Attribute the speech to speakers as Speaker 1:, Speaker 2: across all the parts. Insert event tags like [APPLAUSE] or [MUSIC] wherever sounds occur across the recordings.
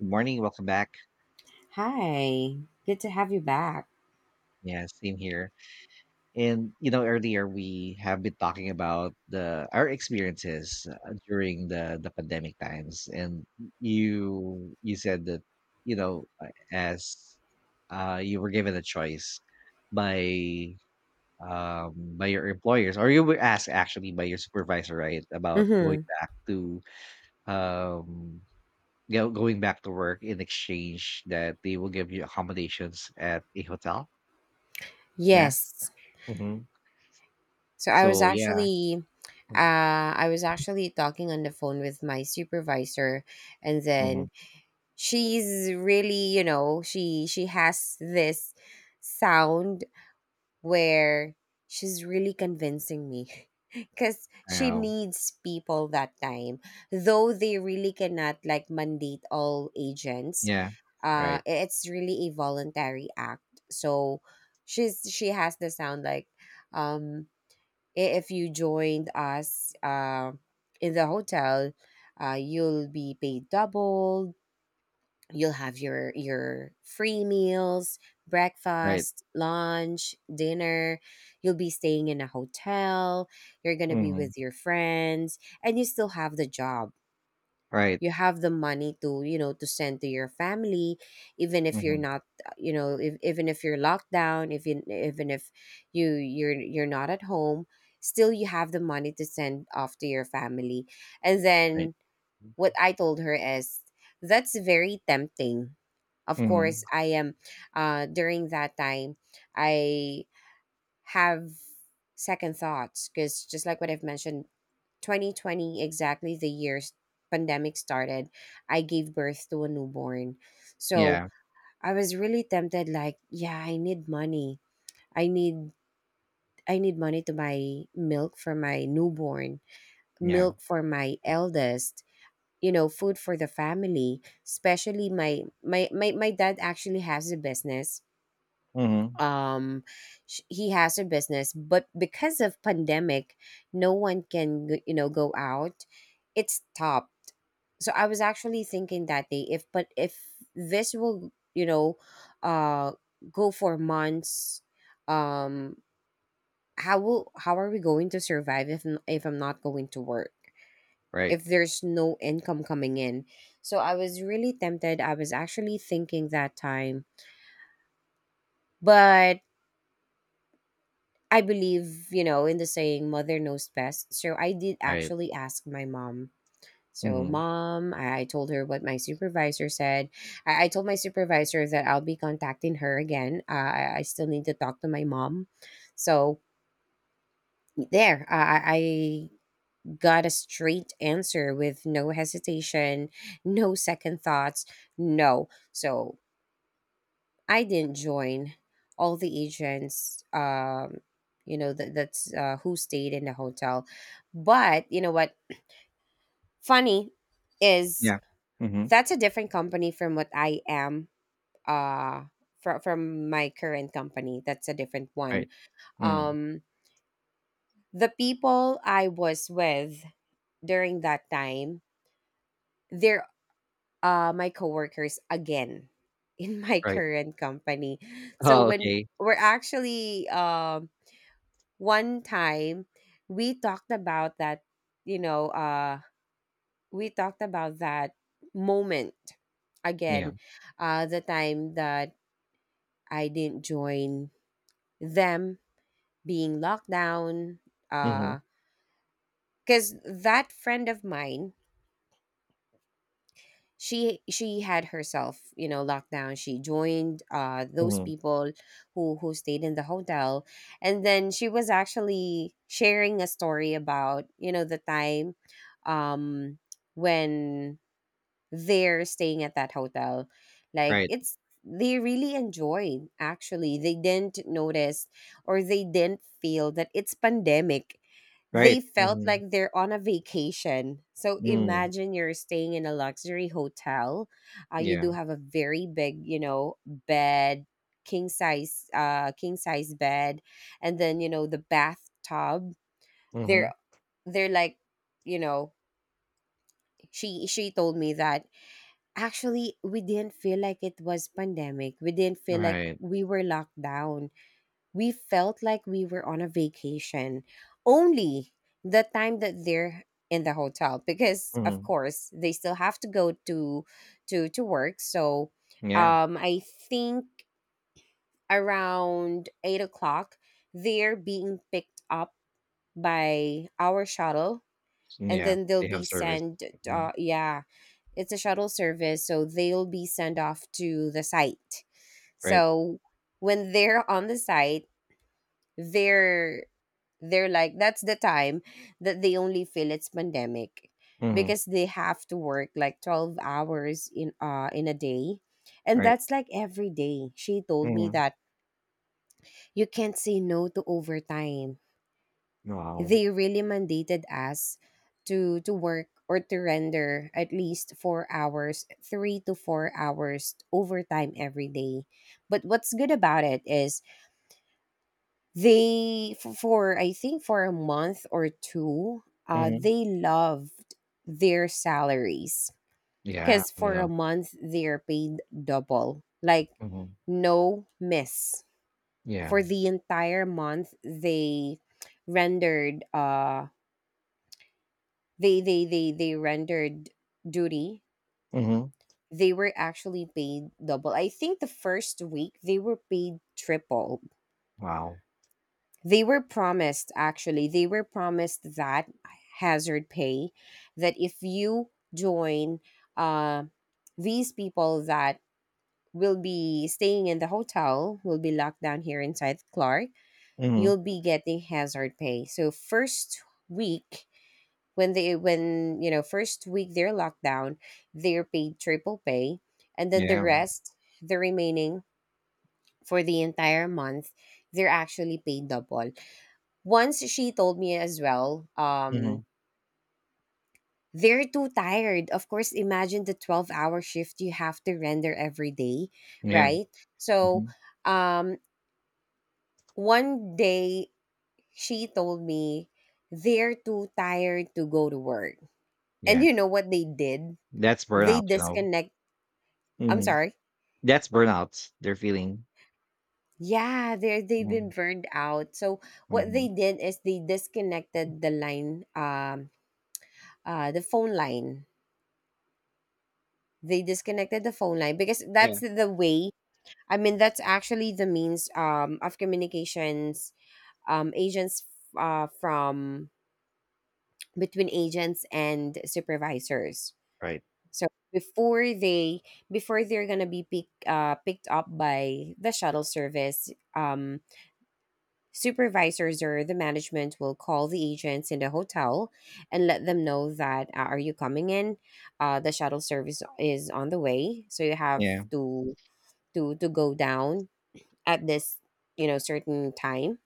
Speaker 1: Good morning, welcome back.
Speaker 2: Hi, good to have you back.
Speaker 1: Yeah, same here. Earlier we have been talking about the our experiences during the pandemic times, and you said that as you were given a choice by um, by your employers, or you were asked actually by your supervisor, right, about going
Speaker 2: Mm-hmm.
Speaker 1: back to um, go going back to work in exchange that they will give you accommodations at a hotel. Yeah.
Speaker 2: Yes.
Speaker 1: Mhm.
Speaker 2: So
Speaker 1: So, yeah. Mm,
Speaker 2: I was actually talking on the phone with my supervisor, and
Speaker 1: mhm.
Speaker 2: then she's really, you know, she has this sound where she's really convincing me [LAUGHS] because she
Speaker 1: Wow.
Speaker 2: needs people that time though they really cannot like mandate all agents
Speaker 1: Yeah. Right.
Speaker 2: it's really a voluntary act. So she has the sound like um "if you joined us in the hotel you'll be paid double, you'll have your free meals,
Speaker 1: Right.
Speaker 2: breakfast, lunch, dinner, you'll be staying in a hotel, you're going to be
Speaker 1: Mhm.
Speaker 2: with your friends, and you still have the job.
Speaker 1: Right.
Speaker 2: You have the money to, you know, to send to your family. Even if you're
Speaker 1: Mhm.
Speaker 2: not if, even if you're locked down, if you, even if you're not at home, still you have the money to send off to your family." And
Speaker 1: Right.
Speaker 2: then
Speaker 1: M
Speaker 2: what I told her is that's very tempting. Of
Speaker 1: mhm.
Speaker 2: course, I am during that time I have second thoughts because just like what I've mentioned, 2020 exactly the year pandemic started, I gave birth to a newborn. So,
Speaker 1: Yeah.
Speaker 2: I was really tempted like, yeah, I need money. I need I need money to buy milk for my newborn,
Speaker 1: Yeah.
Speaker 2: milk for my eldest, you know, food for the family, especially my dad actually has a business.
Speaker 1: Mhm.
Speaker 2: um he has a business but because of pandemic no one can you know, go out, it stopped. So I was actually thinking that day, if but if this will, you know, uh go for months, um how will, how are we going to survive if if I'm not going to work,
Speaker 1: Right.
Speaker 2: if there's no income coming in? So I was really tempted. I was actually thinking that time, but I believe, you know, in the saying, mother knows best. So I did
Speaker 1: Right.
Speaker 2: actually ask my mom. So,
Speaker 1: Mhm.
Speaker 2: mom, I told her what my supervisor said. I told my supervisor that I'll be contacting her again. I still need to talk to my mom. So, there, I got a straight answer with no hesitation, no second thoughts, no. So I didn't join all the agents. You know, that that's who stayed in the hotel, but you know what? Funny is
Speaker 1: Yeah. Mhm.
Speaker 2: that's a different company from what I am. Uh, from my current company, that's a different one.
Speaker 1: Right. Mm.
Speaker 2: Um, the people I was with during that time, they're my coworkers again in my [LAUGHS]
Speaker 1: Right. [LAUGHS]
Speaker 2: current company. So
Speaker 1: Oh,
Speaker 2: when
Speaker 1: okay.
Speaker 2: we're actually one time we talked about that, you know, uh, we talked about that moment
Speaker 1: Yeah.
Speaker 2: again, the time that I didn't join them, being locked down,
Speaker 1: Mhm.
Speaker 2: because that friend of mine, she had herself, you know, locked down. She joined those
Speaker 1: Mhm.
Speaker 2: people who stayed in the hotel. And then she was actually sharing a story about, you know, the time um when there staying at that hotel. Like
Speaker 1: Right.
Speaker 2: it's, they really enjoyed actually. They didn't notice or they didn't feel that it's pandemic. They
Speaker 1: Right.
Speaker 2: felt
Speaker 1: Mhm.
Speaker 2: like they're on a vacation. So
Speaker 1: Mm.
Speaker 2: imagine you're staying in a luxury hotel. You
Speaker 1: Yeah.
Speaker 2: do have a very big, you know, bed, king size bed, and then you know, the bathtub.
Speaker 1: Mhm.
Speaker 2: They're they're like, you know, she told me that actually, "We didn't feel like it was pandemic, we didn't feel like
Speaker 1: Right.
Speaker 2: we were locked down, we felt like we were on a vacation," only the time that they're in the hotel because of
Speaker 1: Mhm.
Speaker 2: course they still have to go to to work. So
Speaker 1: Yeah.
Speaker 2: I think around 8 o'clock they're being picked up by our shuttle and
Speaker 1: Yeah.
Speaker 2: then they'll
Speaker 1: They
Speaker 2: be
Speaker 1: have service.
Speaker 2: sent
Speaker 1: Mhm.
Speaker 2: yeah, it's a shuttle service, so they'll be sent off to the site.
Speaker 1: Right.
Speaker 2: So when they're on the site, they're they're like, that's the time that they only feel it's pandemic
Speaker 1: Mhm.
Speaker 2: because they have to work like 12 hours in a day. And
Speaker 1: Right.
Speaker 2: that's like every day. She told me
Speaker 1: Mhm.
Speaker 2: that you can't say no to overtime.
Speaker 1: Wow.
Speaker 2: They really mandated us to work or to render at least 4 hours, 3 to 4 hours overtime every day. But what's good about it is they for I think for a month or two,
Speaker 1: Mhm.
Speaker 2: they loved their salaries
Speaker 1: Yeah.
Speaker 2: because
Speaker 1: You
Speaker 2: for a
Speaker 1: know.
Speaker 2: month they're paid double, like
Speaker 1: Mhm.
Speaker 2: no miss
Speaker 1: Yeah.
Speaker 2: for the entire month. Rendered uh they rendered duty.
Speaker 1: Mhm.
Speaker 2: They were actually paid double. I think the first week they were paid triple.
Speaker 1: Wow.
Speaker 2: They were promised, actually they were promised that hazard pay, that if you join uh, these people that will be staying in the hotel, will be locked down here inside Clark,
Speaker 1: Mhm.
Speaker 2: you'll be getting hazard pay. So first week when they, when you know, first week they're locked down, they're paid triple pay, and then the
Speaker 1: Yeah.
Speaker 2: rest, the remaining for the entire month, they're actually paid double. Once she told me as well
Speaker 1: Mhm.
Speaker 2: they're too tired, of course, imagine the 12-hour shift you have to render every day,
Speaker 1: Yeah.
Speaker 2: right? So
Speaker 1: Mhm.
Speaker 2: um one day she told me they're too tired to go to work.
Speaker 1: Yeah.
Speaker 2: And you know what they did?
Speaker 1: That's
Speaker 2: They
Speaker 1: burnout, you know.
Speaker 2: disconnected. I'm
Speaker 1: Mhm.
Speaker 2: sorry.
Speaker 1: That's burnout they're feeling.
Speaker 2: Yeah, they, they've been
Speaker 1: Mhm.
Speaker 2: burned out. So what they
Speaker 1: Mhm.
Speaker 2: did is they disconnected the line, the phone line. They disconnected the phone line because
Speaker 1: Yeah.
Speaker 2: that's the way. I mean, that's actually the means of communications agents from between agents and supervisors.
Speaker 1: Right.
Speaker 2: So before they, before they're gonna be pick, picked up by the shuttle service, supervisors or the management will call the agents in the hotel and let them know that are you coming in? The shuttle service is on the way, so you have
Speaker 1: Yeah.
Speaker 2: to to go down at this, you know, certain time.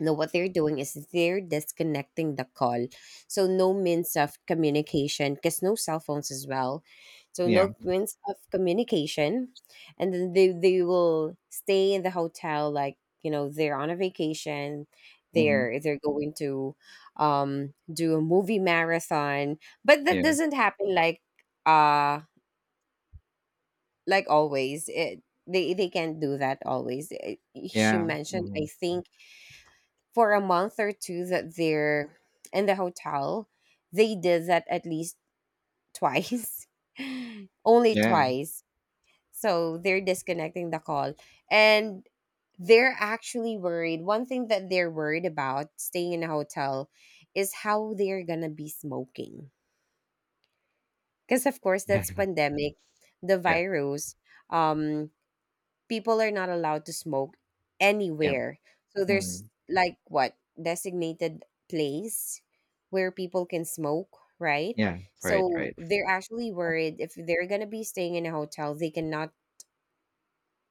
Speaker 2: Now, what they're doing is they're disconnecting the call. So, no means of communication because no cell phones as well. So,
Speaker 1: Yeah.
Speaker 2: no means of communication. And then they will stay in the hotel like, you know, they're on a vacation.
Speaker 1: Mhm.
Speaker 2: They're going to do a movie marathon. But that
Speaker 1: Yeah.
Speaker 2: doesn't happen uh, like always. It, they can't do that always. Eh, she
Speaker 1: Yeah.
Speaker 2: mentioned, I
Speaker 1: Mhm.
Speaker 2: think for a month or two that they're in the hotel, they did that at least twice, [LAUGHS] only
Speaker 1: Yeah.
Speaker 2: twice. So they're disconnecting the call. And they're actually worried. One thing that they're worried about staying in a hotel is how they're going to be smoking. Because, of course, that's
Speaker 1: [LAUGHS]
Speaker 2: pandemic, the
Speaker 1: Yeah. Yeah.
Speaker 2: virus. Um, people are not allowed to smoke
Speaker 1: Yeah.
Speaker 2: anywhere. So there's
Speaker 1: Mhm.
Speaker 2: like what designated place where people can smoke, right?
Speaker 1: Yeah. Right.
Speaker 2: So
Speaker 1: Right.
Speaker 2: they're actually worried if they're gonna be staying in a hotel, they cannot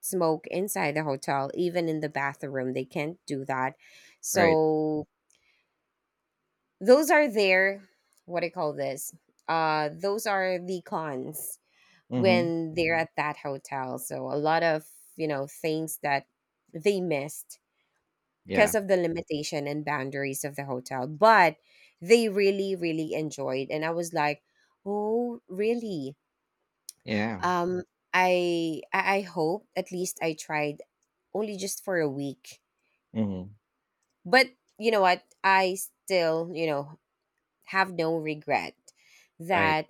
Speaker 2: smoke inside the hotel, even in the bathroom. They can't do that.
Speaker 1: Right.
Speaker 2: So those are their, what do you call this? Those are the cons
Speaker 1: Mhm.
Speaker 2: when they're at that hotel. So a lot of, you know, things that they missed
Speaker 1: Yeah.
Speaker 2: because of the limitation and boundaries of the hotel, but they really, really enjoyed. And I was like, oh really?
Speaker 1: Yeah.
Speaker 2: um I hope, at least I tried, only just for a week.
Speaker 1: Mhm.
Speaker 2: But, you know what, I still, you know, have no regret
Speaker 1: Right.
Speaker 2: that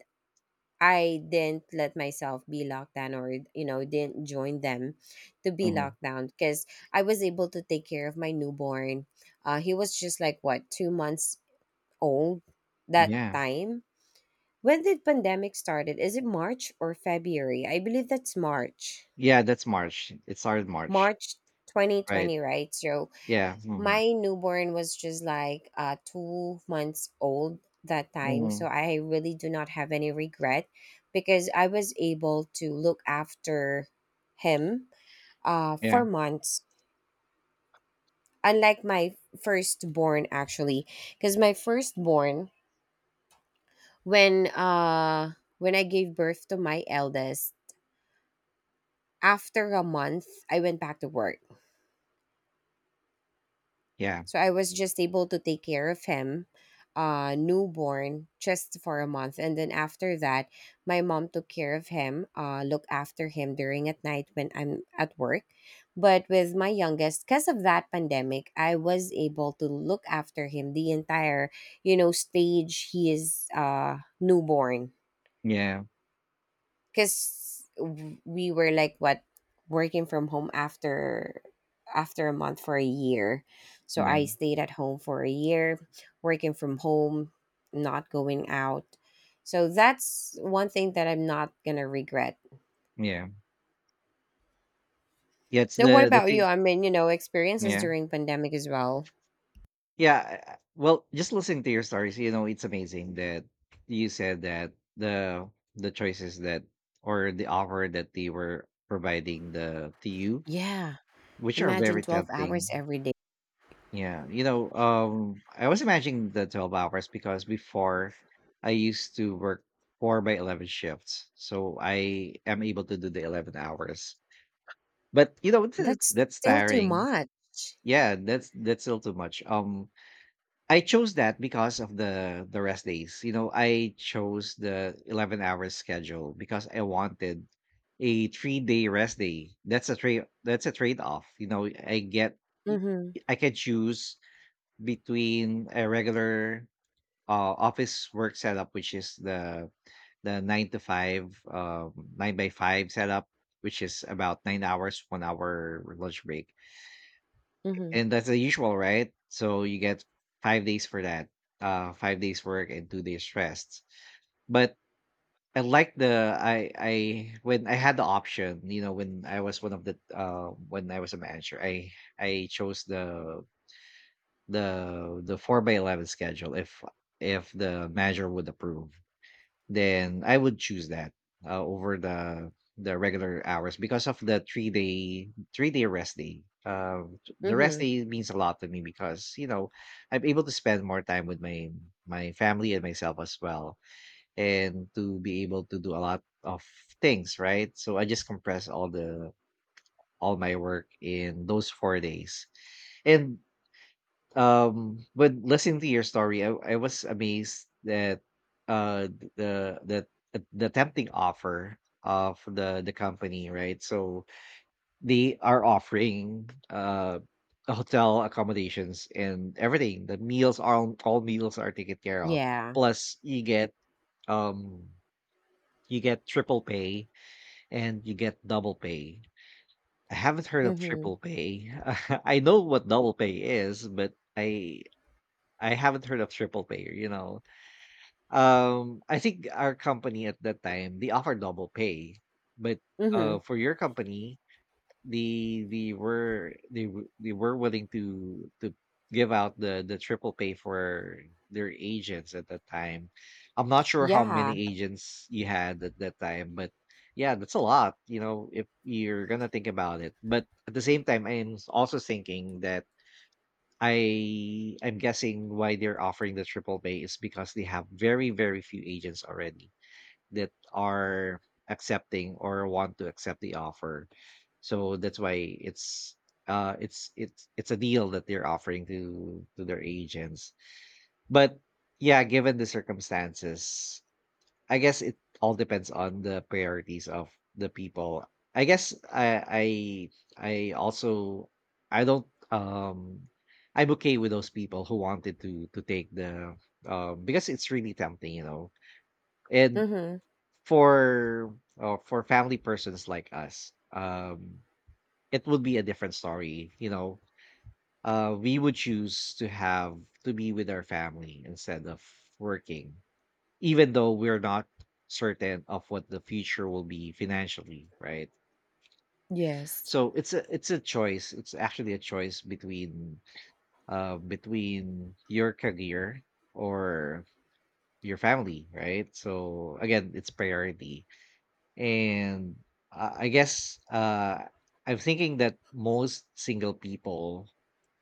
Speaker 2: I didn't let myself be locked down, or, you know, didn't join them to be
Speaker 1: Mhm.
Speaker 2: locked down, because I was able to take care of my newborn. Uh, he was just like what, 2 months old that
Speaker 1: Yeah.
Speaker 2: time. When did pandemic started? Is it March or February? I believe that's March.
Speaker 1: Yeah. That's March. It started March.
Speaker 2: March
Speaker 1: Right.
Speaker 2: 2020, right? So
Speaker 1: Yeah. Mhm.
Speaker 2: my newborn was just like 2 months old that time. So
Speaker 1: Mhm.
Speaker 2: I really do not have any regret because I was able to look after him
Speaker 1: Yeah.
Speaker 2: for months. Unlike my firstborn actually. Because my firstborn when uh when I gave birth to my eldest, after a month I went back to work.
Speaker 1: Yeah.
Speaker 2: So I was just able to take care of him, newborn just for a month, and then after that my mom took care of him, looked after him during at night when I'm at work. But with my youngest, because of that pandemic, I was able to look after him the entire, you know, stage he is newborn.
Speaker 1: Yeah.
Speaker 2: Because we were like what, working from home after a month for a year. So I
Speaker 1: Yeah.
Speaker 2: stayed at home for a year, working from home, not going out. So that's one thing that I'm not gonna regret.
Speaker 1: Yeah. Yeah, it's
Speaker 2: Now what
Speaker 1: the
Speaker 2: about you?
Speaker 1: thing.
Speaker 2: I mean, you know, experiences
Speaker 1: Yeah.
Speaker 2: during pandemic as well.
Speaker 1: Yeah, I well, just listening to your stories, you know, it's amazing that you said that the choices that or the offer that they were providing the to you,
Speaker 2: Yeah,
Speaker 1: which are
Speaker 2: imagine
Speaker 1: very
Speaker 2: 12 hours
Speaker 1: tempting.
Speaker 2: every day,
Speaker 1: Yeah, you know, I was imagining the 12 hours because before I used to work 4 by 11 shifts. So I am able to do the 11 hours. But, you know,
Speaker 2: that's
Speaker 1: that's
Speaker 2: still too
Speaker 1: tiring.
Speaker 2: much.
Speaker 1: Yeah, that's still too much. I chose that because of the rest days. You know, I chose the 11-hour schedule because I wanted a 3-day rest day. That's a trade-off. You know, I get y-
Speaker 2: Mm-hmm.
Speaker 1: I can choose between a regular uh, office work setup which is the 9 to 5 9 by 5 setup which is about 9 hours, 1 hour lunch break
Speaker 2: Mm-hmm.
Speaker 1: and that's the usual, right? So you get 5 days for that, 5 days work and 2 days rest. But I like the I when I had the option, you know, when I was one of the when I was a manager, I chose the four by 11 schedule. If the manager would approve then I would choose that over the regular hours because of the 3 day rest day. The rest
Speaker 2: Mm-hmm.
Speaker 1: day means a lot to me because, you know, I'm able to spend more time with my family and myself as well, and to be able to do a lot of things. Right, so I just compress all my work in those 4 days, and when listening to your story, I was amazed that uh th- the the the tempting offer of the company, right? So they are offering hotel accommodations and everything. The meals are all meals are taken care of.
Speaker 2: Yeah.
Speaker 1: Plus, um you get triple pay and you get double pay. I haven't heard of
Speaker 2: Mm-hmm.
Speaker 1: triple pay. [LAUGHS] I know what double pay is, but I haven't heard of triple pay, you know. I think our company at that time they offer double pay, but
Speaker 2: Mm-hmm.
Speaker 1: for your company, they were willing to give out the triple pay for their agents at that time. I'm not sure how
Speaker 2: Yeah.
Speaker 1: many agents you had at that time, but yeah, that's a lot, you know, if you're gonna think about it. But at the same time, I'm also thinking that I'm guessing why they're offering the triple pay is because they have very, very few agents already that are accepting or want to accept the offer. So that's why it's it's a deal that they're offering to their agents. But yeah, given the circumstances, I guess it all depends on the priorities of the people. I guess I I also I don't I'm okay with those people who wanted to take the because it's really tempting, you know. And
Speaker 2: Mm-hmm.
Speaker 1: for family persons like us, it would be a different story, you know. Uh, we would choose to have to be with our family instead of working even though we're not certain of what the future will be financially, right?
Speaker 2: Yes.
Speaker 1: So it's a choice. It's actually a choice between between your career or your family, right? So again, it's priority. And I guess I'm thinking that most single people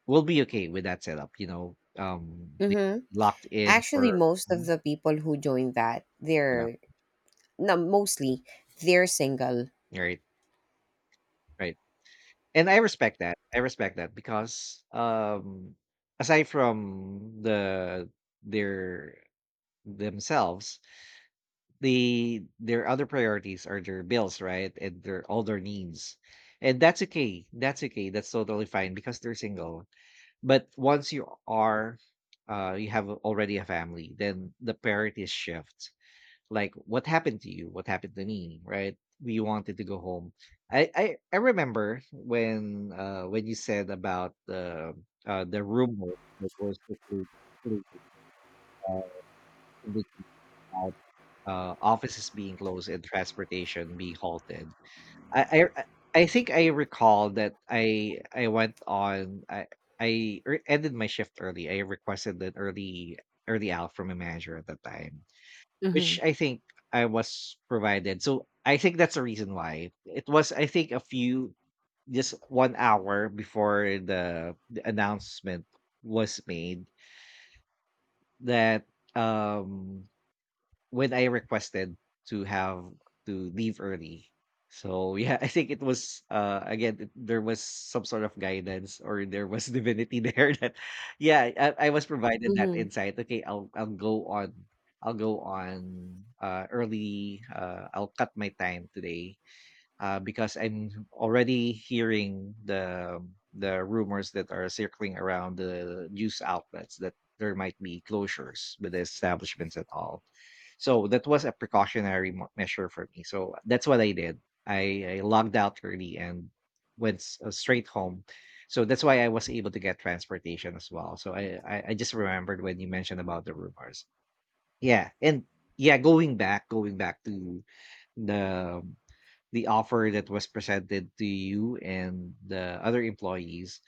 Speaker 1: will be okay with that setup, you know. They
Speaker 2: Mm-hmm.
Speaker 1: locked in
Speaker 2: Actually,
Speaker 1: for
Speaker 2: most of
Speaker 1: mhm.
Speaker 2: the people who join that,
Speaker 1: Yeah.
Speaker 2: they're, no, mostly they're single.
Speaker 1: Right. Right. And I respect that. I respect that because aside from their themselves, their other priorities are their bills, right? And their all their needs. And that's okay. That's okay. That's totally fine because they're single. But once you are you have already a family, then the priorities shift, like what happened to you, what happened to me, right? We wanted to go home. I remember when you said about the rumors that were circulating uh, in the crowd, uh, offices being closed and transportation being halted. I think I recall that I went on I ended my shift early. I requested an early out from a manager at that time.
Speaker 2: Mm-hmm.
Speaker 1: Which I think I was provided. So I think that's the reason why. It was I think a few just 1 hour before the announcement was made that um when I requested to have to leave early. So yeah, [LAUGHS] I think it was again, there was some sort of guidance or there was divinity there [LAUGHS] that yeah, I was provided that
Speaker 2: Mm-hmm.
Speaker 1: insight. Okay, I'll go on. Early. Uh, I'll cut my time today because I'm already hearing the rumors that are circling around the news outlets that there might be closures with the establishments at all. So that was a precautionary measure for me. So that's what I did. I logged out early and went straight home. So that's why I was able to get transportation as well. So I just remembered when you mentioned about the rumors. Yeah. And yeah, going back to the the offer that was presented to you and the other employees.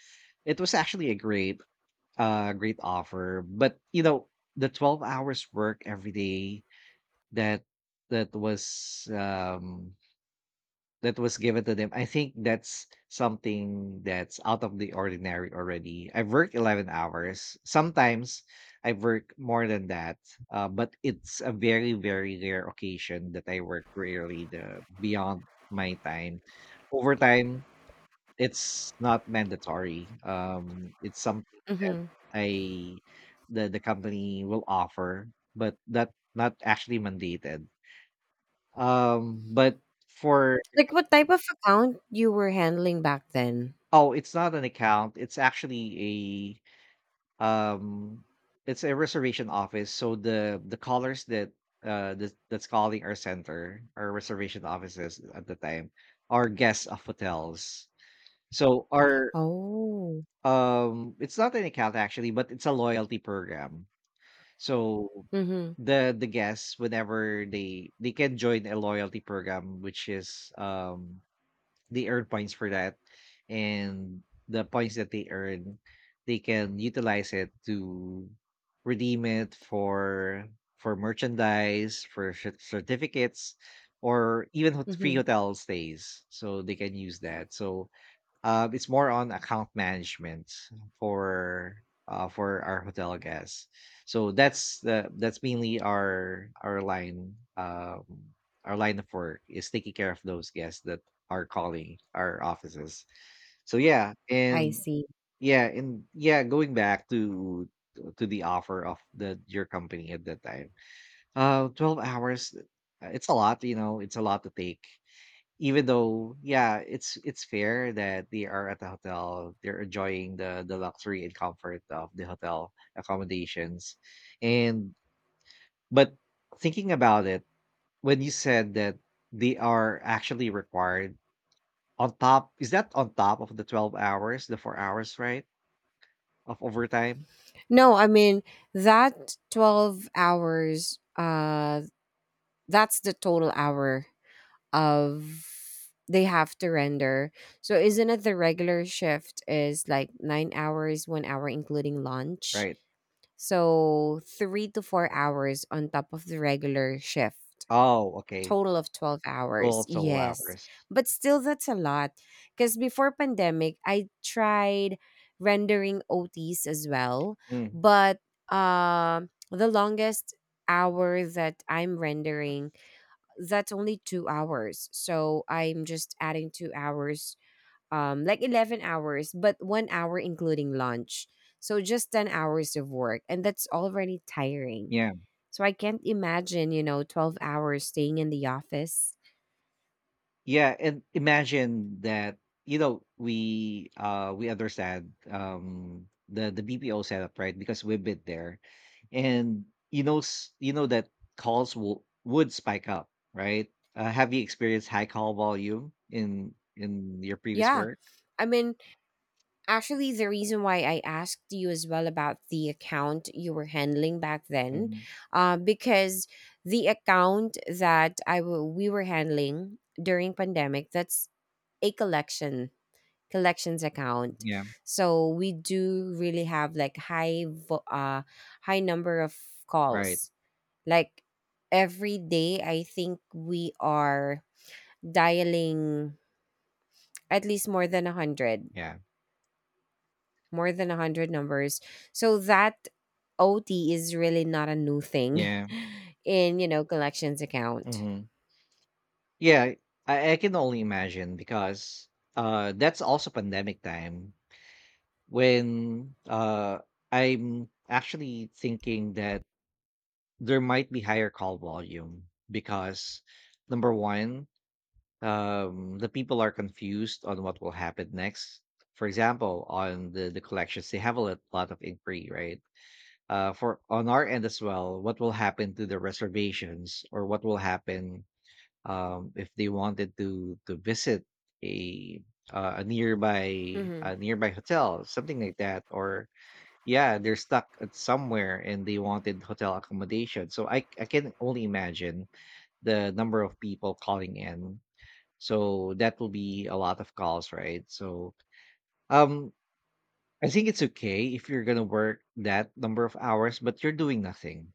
Speaker 1: It was actually a great offer, but you know the 12 hours work every day, that that was um that was given to them, I think that's something that's out of the ordinary already. I've worked 11 hours. Sometimes I work more than that, but it's a very, very rare occasion that I work really the beyond my time. Overtime, it's not mandatory. It's something that
Speaker 2: Mm-hmm.
Speaker 1: I the company will offer, but that not actually mandated. But for
Speaker 2: Like what type of account you were handling back then?
Speaker 1: oh, it's not an account. It's actually a it's a reservation office. So the callers that that's calling our center, our reservation offices at the time, are guests of hotels. So our
Speaker 2: Oh.
Speaker 1: it's not an account actually, but it's a loyalty program. So
Speaker 2: Mm-hmm.
Speaker 1: the guests whenever they can join a loyalty program which is they earn points for that, and the points that they earn they can utilize it to redeem it for merchandise, for certificates, or even free
Speaker 2: Mm-hmm.
Speaker 1: hotel stays, so they can use that. So it's more on account management for for our hotel guests. So that's the that's mainly our line our line of work is taking care of those guests that are calling our offices. So yeah,
Speaker 2: I
Speaker 1: and
Speaker 2: see.
Speaker 1: yeah, and yeah, going back to the offer of the your company at that time. 12 hours. Uh, it's a lot, you know. It's a lot to take, even though, yeah, it's fair that they are at the hotel, they're enjoying the luxury and comfort of the hotel accommodations. And but thinking about it, when you said that they are actually required on top, is that on top of the 12 hours, the 4 hours, right? Of overtime,
Speaker 2: No, I mean that 12 hours. That's the total hour of they have to render. So isn't it the regular shift is like 9 hours, one hour including lunch?
Speaker 1: right?
Speaker 2: So 3 to 4 hours on top of the regular shift.
Speaker 1: Oh, okay.
Speaker 2: Total of 12 hours.
Speaker 1: 12 total
Speaker 2: Yes.
Speaker 1: hours.
Speaker 2: But still, that's a lot. Because before pandemic, I tried rendering OTs as well.
Speaker 1: Mm,
Speaker 2: But the longest hour that I'm rendering, that's only 2 hours. So I'm just adding 2 hours like 11 hours but 1 hour including lunch, so just 10 hours of work, and that's already tiring.
Speaker 1: yeah.
Speaker 2: So I can't imagine, 12 hours staying in the office.
Speaker 1: Yeah, and imagine that, you know, we understand the BPO setup, right? Because we've been there. And you know that calls will would spike up, right? Have you experienced high call volume in your previous
Speaker 2: Yeah.
Speaker 1: work?
Speaker 2: I mean, actually, the reason why I asked you as well about the account you were handling back then,
Speaker 1: Um,
Speaker 2: because the account that we were handling during pandemic, that's a collections account.
Speaker 1: yeah,
Speaker 2: So we do really have like high number of
Speaker 1: right.
Speaker 2: calls. Like every day I think we are dialing at least more than 100,
Speaker 1: Yeah.
Speaker 2: more than 100 numbers. So that OT is really not a new thing
Speaker 1: Yeah.
Speaker 2: [LAUGHS] in collections account.
Speaker 1: Hmm. Yeah, I can only imagine because that's also pandemic time when I'm actually thinking that there might be higher call volume because number one, the people are confused on what will happen next. For example, on the collections, they have a lot of inquiry, right? For on our end as well, what will happen to the reservations or what will happen if they wanted to visit a
Speaker 2: Hmm.
Speaker 1: a nearby hotel, something like that, or yeah, they're stuck at somewhere and they wanted hotel accommodation. So I can only imagine the number of people calling in. So that will be a lot of calls, right? So um I think it's okay if you're gonna work that number of hours, but you're doing nothing.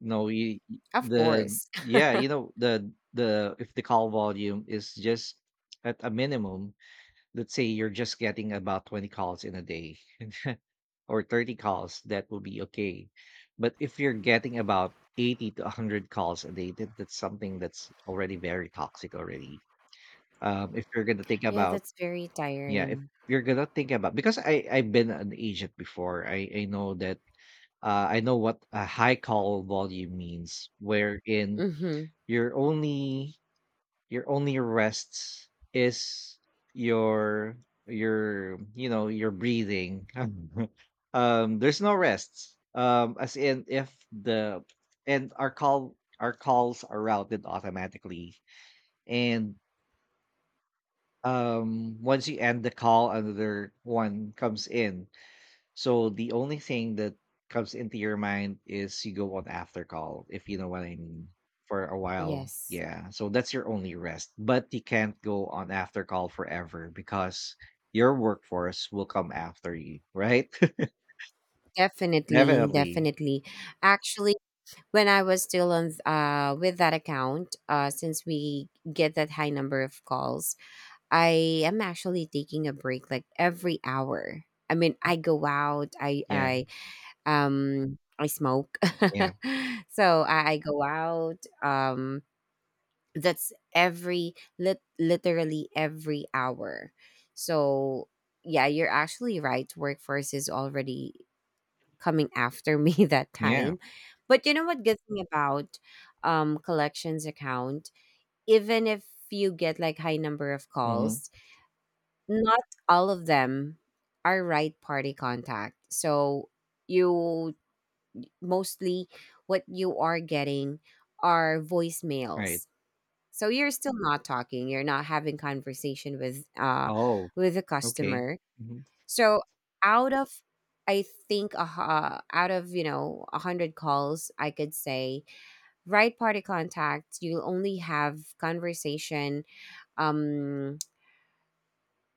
Speaker 1: No, you-
Speaker 2: Of
Speaker 1: the
Speaker 2: course. [LAUGHS]
Speaker 1: yeah, you know, the if the call volume is just at a minimum, let's say you're just getting about 20 calls in a day, or 30 calls, that will be okay. But if you're getting about 80 to 100 calls a day, that, that's something that's already very toxic already. If you're going to think
Speaker 2: Yeah,
Speaker 1: about,
Speaker 2: that's very
Speaker 1: yeah, if
Speaker 2: tiring.
Speaker 1: you're going to think about, because I've been an agent before, I know that. I know what a high call volume means, wherein
Speaker 2: Hmm.
Speaker 1: you're only your only rests is your your, you know, your breathing. [LAUGHS] Um, there's no rests um, as in if the and our call our calls are routed automatically, and once you end the call another one comes in. So the only thing that comes into your mind is you go on after call, if you know what I mean, for a while.
Speaker 2: Yes.
Speaker 1: Yeah. So that's your only rest. But you can't go on after call forever because your workforce will come after you, right? [LAUGHS]
Speaker 2: Definitely,
Speaker 1: Definitely.
Speaker 2: definitely. Actually, when I was still with that account, uh, since we get that high number of calls, I am actually taking a break like every hour. I mean, I go out,
Speaker 1: Yeah.
Speaker 2: I smoke.
Speaker 1: Yeah.
Speaker 2: [LAUGHS] So I go out, um that's literally every hour. So yeah, you're actually right. Workforce is already coming after me [LAUGHS] that
Speaker 1: Yeah.
Speaker 2: time. But you know what good thing about collections account, even if you get like high number of
Speaker 1: Hmm.
Speaker 2: calls, not all of them are right party contact. So you, mostly what you are getting are
Speaker 1: Right.
Speaker 2: voicemails. So you're still not talking, you're not having conversation
Speaker 1: Oh,
Speaker 2: with the
Speaker 1: okay.
Speaker 2: customer.
Speaker 1: Hmm.
Speaker 2: So out of, I think out of, 100 calls, I could say right party contact, you'll only have conversation um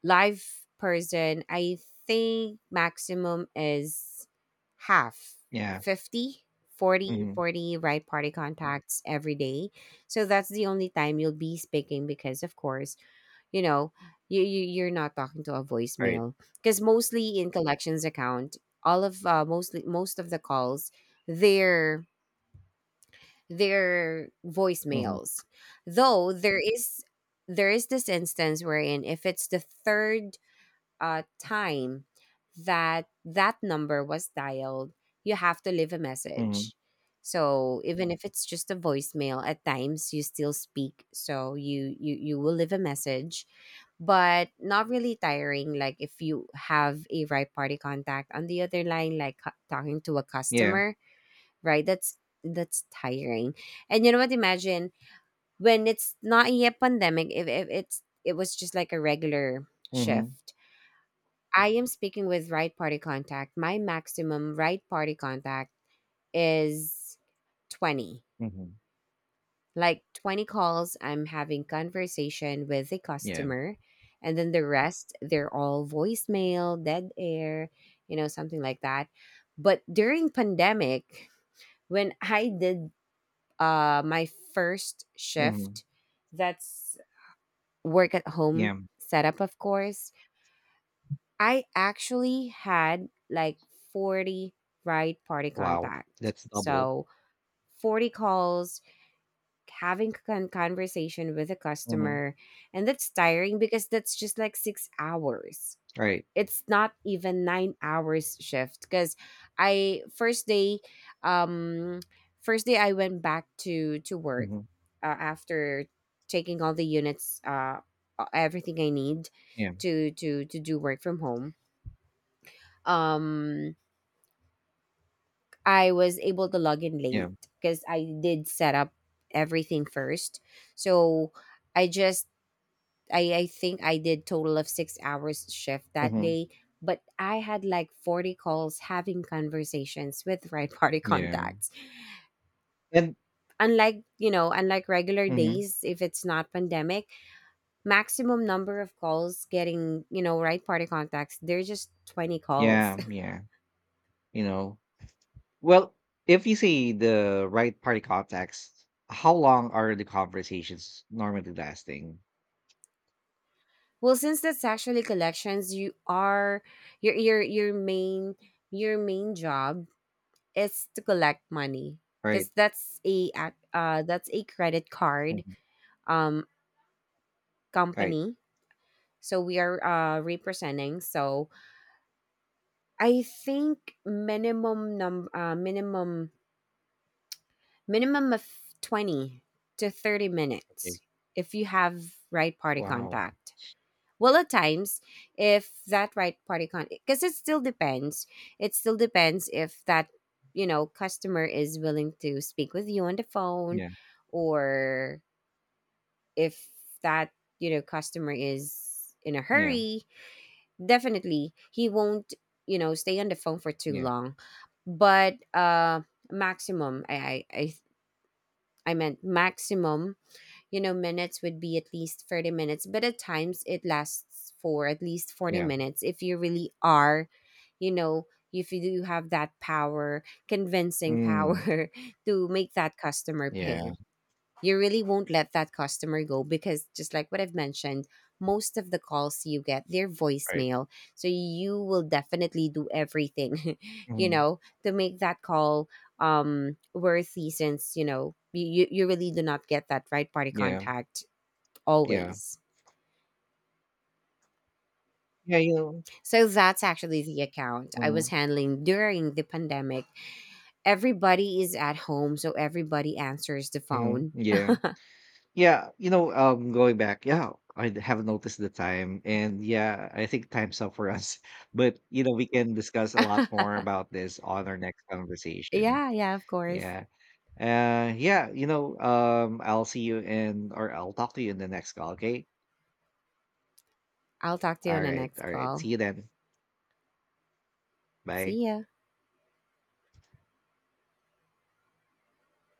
Speaker 2: live person, I think maximum is half:
Speaker 1: Yeah.
Speaker 2: 50, 40,
Speaker 1: Hmm.
Speaker 2: 40 right party contacts every day. So that's the only time you'll be speaking because, of course, you know, you're not talking to a
Speaker 1: Right.
Speaker 2: voicemail because mostly in collections account, all of mostly most of the calls, they're they're
Speaker 1: Hmm.
Speaker 2: voicemails. Though there is, there is this instance wherein if it's the third time that that number was dialed, you have to leave a
Speaker 1: Hmm.
Speaker 2: message. So even if it's just a voicemail, at times you still speak. So you will leave a message, but not really tiring. Like if you have a right party contact on the other line, like talking to a
Speaker 1: Yeah.
Speaker 2: customer, right? That's tiring. And you know what? Imagine when it's not yet pandemic. If it's it was just like a regular
Speaker 1: Hmm.
Speaker 2: shift, I am speaking with right party contact. My maximum right party contact is 20.
Speaker 1: Hmm.
Speaker 2: Like 20 calls, I'm having conversation with a
Speaker 1: Yeah.
Speaker 2: customer. And then the rest, they're all voicemail, dead air, you know, something like that. But during pandemic, when I did my first
Speaker 1: Hmm.
Speaker 2: shift, that's work at home
Speaker 1: Yeah.
Speaker 2: setup, of course, I actually had like 40 ride party
Speaker 1: Wow.
Speaker 2: contacts.
Speaker 1: That's double.
Speaker 2: So 40 calls, having conversation with a
Speaker 1: Hmm.
Speaker 2: customer. And that's tiring because that's just like 6 hours.
Speaker 1: Right.
Speaker 2: It's not even 9 hours shift because I, um, first day I went back to work
Speaker 1: Mhm.
Speaker 2: after taking all the units, everything I need
Speaker 1: Yeah,
Speaker 2: to do work from home. um I was able to log in
Speaker 1: yeah.
Speaker 2: late because I did set up everything first. So I just, I think I did total of 6 hours shift that
Speaker 1: Mhm.
Speaker 2: day, but I had like 40 calls having conversations with [LAUGHS] right party
Speaker 1: Yeah.
Speaker 2: contacts.
Speaker 1: And
Speaker 2: Unlike, you know, unlike regular
Speaker 1: mhm.
Speaker 2: days, if it's not pandemic, maximum number of calls getting, you know, right party contacts, they're just 20 calls.
Speaker 1: Yeah, yeah. You know, well, if you see the right party context, how long are the conversations normally lasting?
Speaker 2: Well, since that's actually collections, you are, your main, your main job is to collect money
Speaker 1: Right?
Speaker 2: because that's that's a credit card
Speaker 1: Mhm.
Speaker 2: um
Speaker 1: Right.
Speaker 2: company. So we are representing. So I think minimum num minimum minimum of 20 to thirty
Speaker 1: Okay.
Speaker 2: minutes if you have right party
Speaker 1: Wow.
Speaker 2: contact. Well, at times, if that because it still depends. It still depends if that, you know, customer is willing to speak with you on the phone,
Speaker 1: Yeah.
Speaker 2: or if that, you know, customer is in a
Speaker 1: Yeah.
Speaker 2: hurry. Definitely, he won't, you know, stay on the phone for too
Speaker 1: Yeah.
Speaker 2: long. But maximum, I meant maximum, you know, minutes would be at least 30 minutes, but at times it lasts for at least 40
Speaker 1: Yeah.
Speaker 2: minutes if you really are, you know, if you do have that power convincing
Speaker 1: Mm.
Speaker 2: power [LAUGHS] to make that customer
Speaker 1: Yeah.
Speaker 2: pay. You really won't let that customer go because just like what I've mentioned, most of the calls you get, they're
Speaker 1: Right.
Speaker 2: voicemail. So you will definitely do everything [LAUGHS] you
Speaker 1: Mhm.
Speaker 2: know to make that call worthy, since you know, you really do not get that right party
Speaker 1: Yeah.
Speaker 2: contact
Speaker 1: Yeah.
Speaker 2: always.
Speaker 1: Yeah. You know.
Speaker 2: So that's actually the account I
Speaker 1: Mhm.
Speaker 2: was handling during the pandemic. Everybody is at home, so everybody answers the
Speaker 1: Mhm.
Speaker 2: phone.
Speaker 1: Yeah. Yeah, you know, going back, yeah, I have noticed the time, and yeah, I think time's up for us. [LAUGHS] But you know, we can discuss a lot
Speaker 2: [LAUGHS]
Speaker 1: more about this on our next conversation.
Speaker 2: Yeah, yeah, of course.
Speaker 1: Yeah, yeah, you know, I'll see you in, or I'll talk to you in the next call. Okay,
Speaker 2: I'll talk to you on the next
Speaker 1: all right,
Speaker 2: call.
Speaker 1: see you then. Bye.
Speaker 2: See ya.